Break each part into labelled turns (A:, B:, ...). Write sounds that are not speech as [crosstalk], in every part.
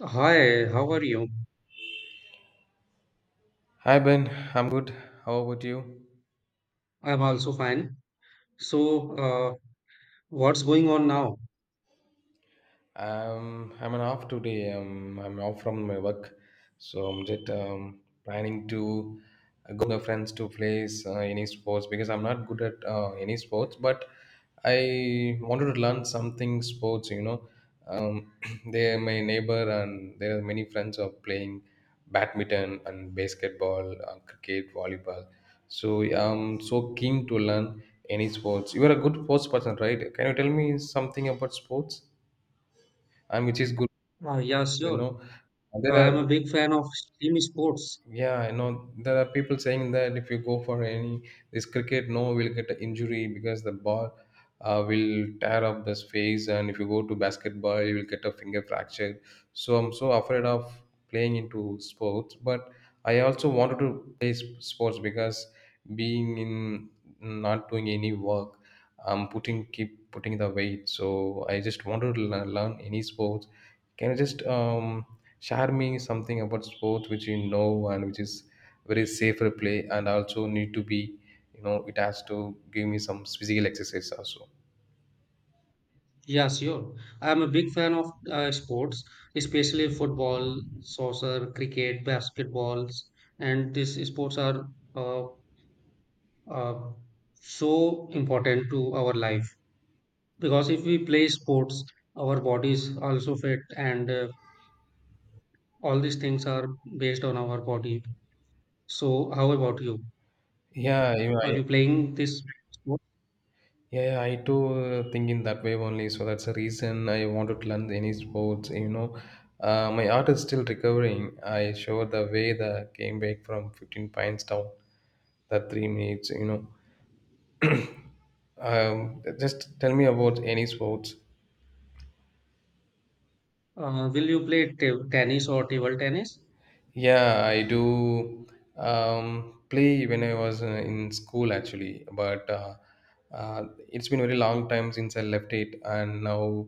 A: Hi, how are you?
B: Hi Ben, I'm good. How about you?
A: I'm also fine. So, uh, what's going on now?
B: I'm an off today. I'm off from my work, so I'm just planning to go with my friends to play any sports because I'm not good at any sports, but I wanted to learn something sports. Um, [clears throat] they my neighbor, and there are many friends are playing badminton and basketball, cricket, volleyball. So I'm so keen to learn any sports. You are a good sports person, right? Can you tell me something about sports, and which is good?
A: Yeah,
B: you
A: sure.
B: know there
A: I'm
B: are
A: a big fan of team sports.
B: yeah I know, there are people saying that if you go for any this cricket no will get an injury because the ball will tear up this face, and if you go to basketball you will get a finger fracture. So I'm so afraid of playing into sports, but I also wanted to play sports because being in, not doing any work, I'm putting keep putting the weight. So I just wanted to learn any sports. Can you just share me something about sports which you know, and which is very safer play, and also need to be, it has to give me some physical exercise also.
A: Yeah, sure. I'm a big fan of sports, especially football, soccer, cricket, basketballs, and these sports are uh, uh, so important to our life, because if we play sports, our bodies also fit, and all these things are based on our body. So, how about you?
B: yeah you know,
A: Are
B: I,
A: you playing this sport?
B: yeah I too think in that way only, so that's the reason I wanted to learn any sports. My art is still recovering. I showed the way that came back from 15 pints down, that 3 minutes. Just tell me about any sports.
A: Will you play tennis or table tennis?
B: Yeah, I do play when I was in school actually, but it's been very long time since I left it. And now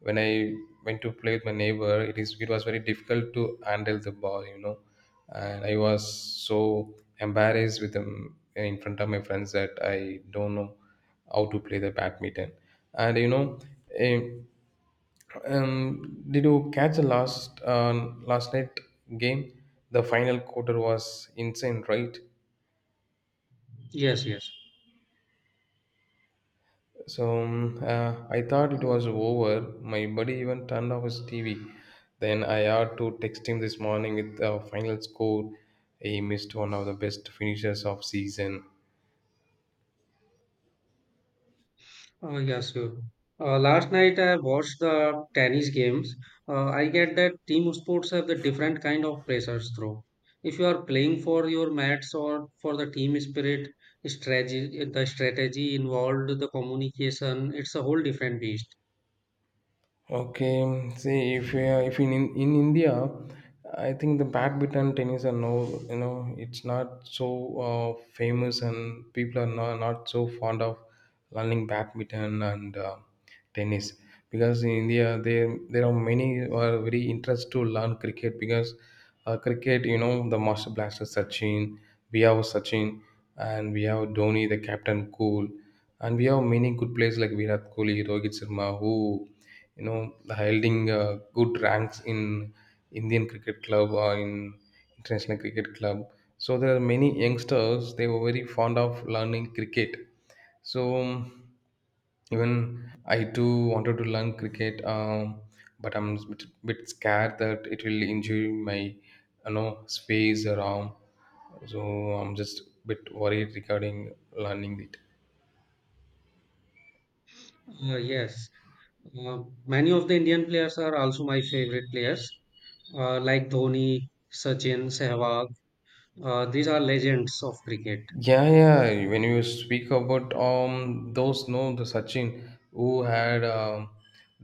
B: when I went to play with my neighbor, it was very difficult to handle the ball, and I was so embarrassed with them in front of my friends that I don't know how to play the badminton, and you know. eh, did you catch the last night game? The final quarter was insane, right?
A: Yes, yes.
B: So I thought it
A: Uh,
B: was over. My buddy even turned off his TV. Then I had to text him this morning with the final score. He missed one of the best finishes of season.
A: yes, sure. Last night I watched the tennis games. I get that team sports have the different kind of pressures through. If you are playing for your mats or for the team spirit, strategy, the strategy involved, the communication, it's a whole different beast.
B: Okay, see if in India, I think the badminton tennis are no, it's not so famous, and people are not so fond of learning badminton and tennis, because in India there are many who are very interested to learn cricket because cricket, the master blaster Sachin. We have Sachin, and we have Dhoni the captain cool, and we have many good players like Virat Kohli, Rohit Sharma, who you know holding good ranks in Indian cricket club or in international cricket club. So there are many youngsters they were very fond of learning cricket. So even I too wanted to learn cricket, but I'm a bit scared that it will injure my, space around. So I'm just a bit worried regarding learning it.
A: Yes. Uh, many of the Indian players are also my favorite players. Uh, like Dhoni, Sachin, Sehwag. These are legends of cricket.
B: Yeah, yeah. When you speak about those no the Sachin who had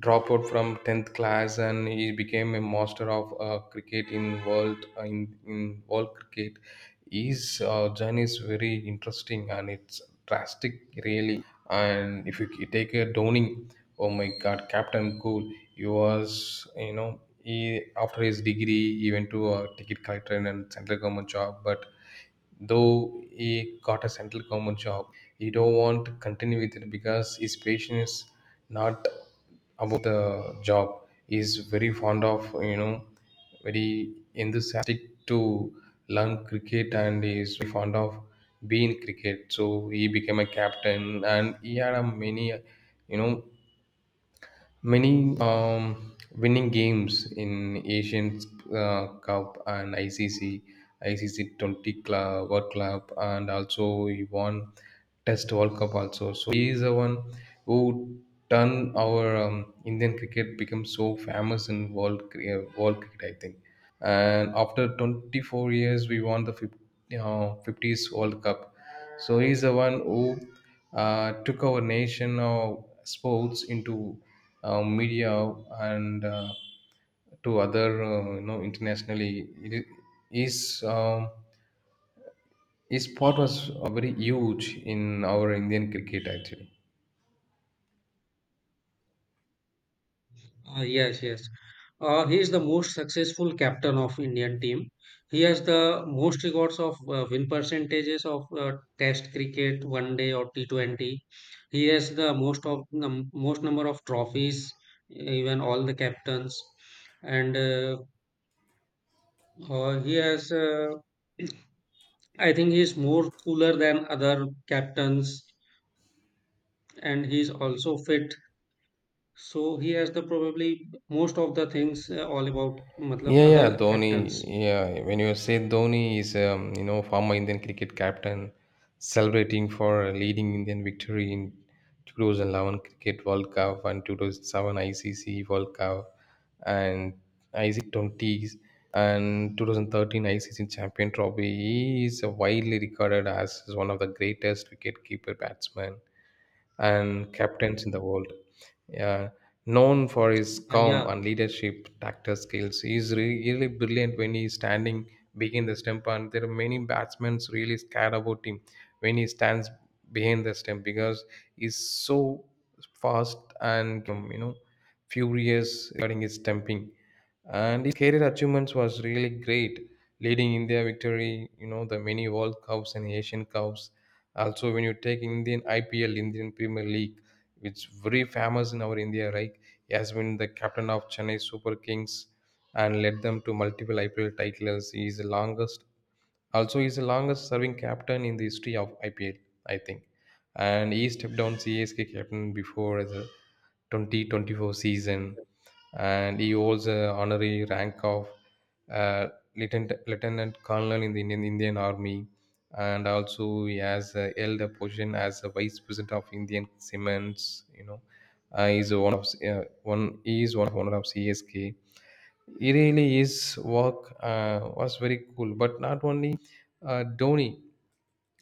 B: dropped out from tenth class, and he became a master of cricket in world cricket. His journey is very interesting, and it's drastic really. And if you take a Downing, oh my God, Captain Cool, he was, you know he after his degree he went to a ticket collector and central government job, but though he got a central government job, he don't want to continue with it because his passion is not about the job. He's very fond of, very enthusiastic to learn cricket, and he is very fond of being cricket, so he became a captain, and he had a many you know Many winning games in Asian Cup and ICC, ICC 20 Club, World Club, and also he won Test World Cup also. So he is the one who turned our Indian cricket become so famous in world cricket, I think. And after 24 years we won the 50, 50s world cup, so he's the one who took our nation of sports into media, and to other, internationally, it is his um, his part was very huge in our Indian cricket actually.
A: Yes, yes. He is the most successful captain of Indian team. He has the most records of win percentages of Test cricket, One Day or T T20. He has the most number of trophies, even all the captains, and he has. I think he is more cooler than other captains, and he is also fit. So he has the probably most of the things all about matlab,
B: Yeah, yeah,
A: other
B: Dhoni.
A: captains.
B: Yeah, when you say Dhoni is, former Indian cricket captain, celebrating for leading Indian victory in 2011 Cricket World Cup and 2007 ICC World Cup and IC20s and 2013 ICC Champion Trophy. He is widely regarded as one of the greatest wicketkeeper batsmen and captains in the world. Yeah, known for his calm
A: Yeah,
B: and leadership tactical skills, he's really brilliant when he's standing behind the stump. And there are many batsmen really scared about him when he stands behind the stump, because he's so fast and, furious regarding his stumping. And his career achievements was really great, leading India victory. You know the many World Cups and Asian Cups also. When you take Indian IPL, Indian Premier League, which very famous in our India, right? He has been the captain of Chennai Super Kings and led them to multiple IPL titles. He is the longest, also he is the longest serving captain in the history of IPL, I think. And he stepped down CSK captain before the 2024 season, and he holds an honorary rank of uh, lieutenant colonel in the Indian Army, and also he has held a position as a vice president of Indian Cements. You know, he's one of one. He is one of owner of CSK. He really, his work was very cool. But not only Dhoni,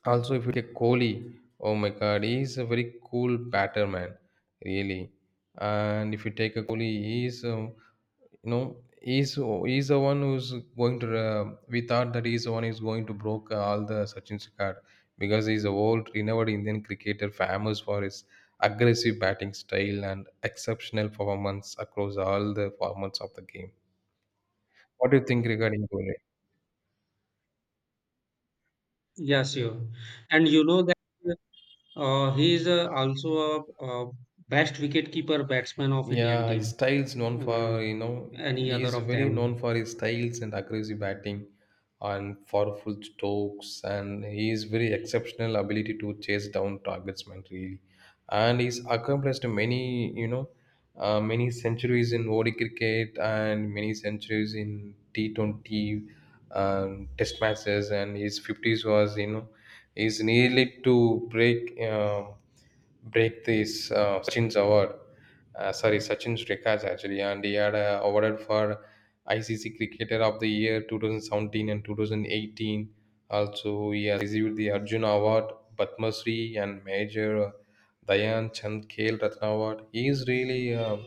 B: also if you take Kohli, oh my God, he is a very cool batter man, really. And if you take a Kohli, he is, you know he's the one who's going to, we thought that he's the one who's going to broke all the Sachin's record, because he's a world renowned Indian cricketer famous for his aggressive batting style and exceptional performance across all the formats of the game. What do you think regarding Kohli?
A: yeah, sure. And you know that he is also best wicketkeeper batsman of Indian
B: Yeah, his
A: team.
B: style's known
A: Uh,
B: for,
A: any
B: he
A: other
B: is
A: of
B: very
A: them?
B: known for his styles and aggressive batting and powerful strokes, and he is very exceptional ability to chase down targets, man, really. And he's accomplished many centuries in ODI cricket and many centuries in T20 test matches, and his 50s is nearly to break break this Sachin's award, sorry, Sachin Shrikaj actually, and he had awarded for ICC Cricketer of the Year 2017 and 2018. Also, he has received the Arjun Award, Padma Shri, and Major Dayan Chand Khel Ratna Award. He's really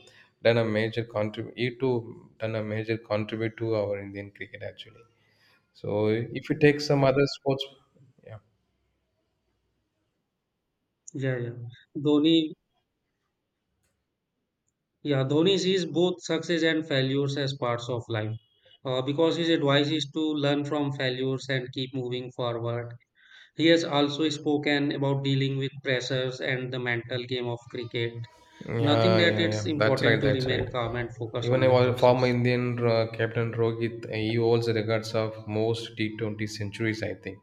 B: done a major contribute. He too done a major contribute to our Indian cricket actually. So, if you take some other sports, yeah.
A: Yeah, yeah. Dhoni, yeah, Dhoni sees both success and failures as parts of life. Because his advice is to learn from failures and keep moving forward. He has also spoken about dealing with pressures and the mental game of cricket. Nothing
B: Yeah,
A: that
B: yeah,
A: it's
B: yeah. That's
A: important
B: right.
A: to
B: That's right.
A: remain calm and focus
B: Even
A: on
B: a
A: the
B: while former
A: process.
B: Indian captain Rohit, eh, he holds the records of most T20 centuries, I think,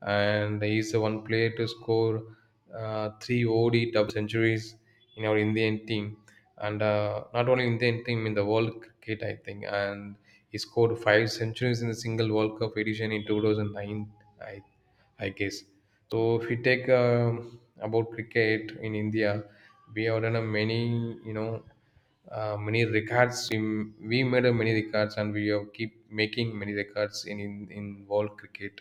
B: and he's the one player to score three OD double centuries in our Indian team, and not only Indian team in the World Cricket, I think. And he scored five centuries in the single World Cup edition in 2009, I I guess. So if you take about cricket in India, we have done a many you know many records. We made a many records, and we have keep making many records in world cricket.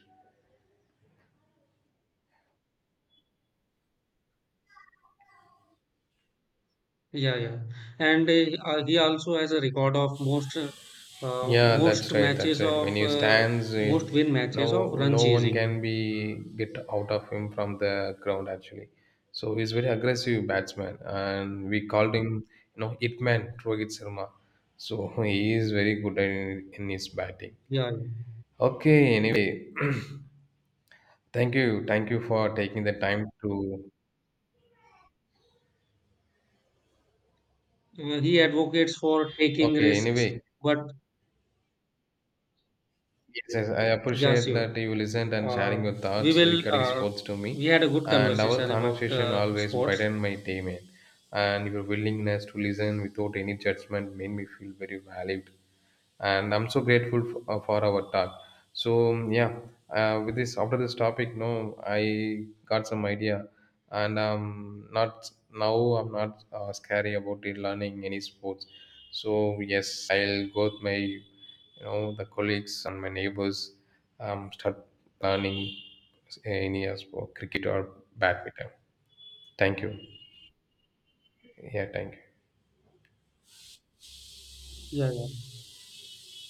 A: Yeah, yeah. And he also has a record of
B: Yeah,
A: most
B: that's right. That's
A: matches
B: right. When
A: of
B: he stands,
A: most win matches of
B: no,
A: run
B: no one
A: chasing.
B: can be get out of him from the ground actually. So he's very aggressive batsman, and we called him, hitman Rohit Sharma. So [laughs] he is very good in his batting.
A: Yeah,
B: Okay. Anyway, [clears throat] thank you for taking the time to.
A: yeah. He advocates for taking
B: Okay.
A: risks,
B: Anyway,
A: but
B: yes, yes, I
A: yeah,
B: appreciate that
A: sure.
B: you listened and sharing your
A: We
B: thoughts
A: will.
B: regarding sports to
A: We
B: me.
A: had a good
B: And our
A: conversation about
B: conversation always
A: sports.
B: brightened my day, man. And your willingness to listen without any judgment made me feel very valued, and I'm so grateful for our talk. So yeah. With this, after this topic no I got some idea. And not now, I'm not scary about it learning any sports. So yes, I'll go with my, the colleagues and my neighbors, start learning any sport, cricket or badminton. Thank you. Yeah, thank you.
A: Yeah, yeah.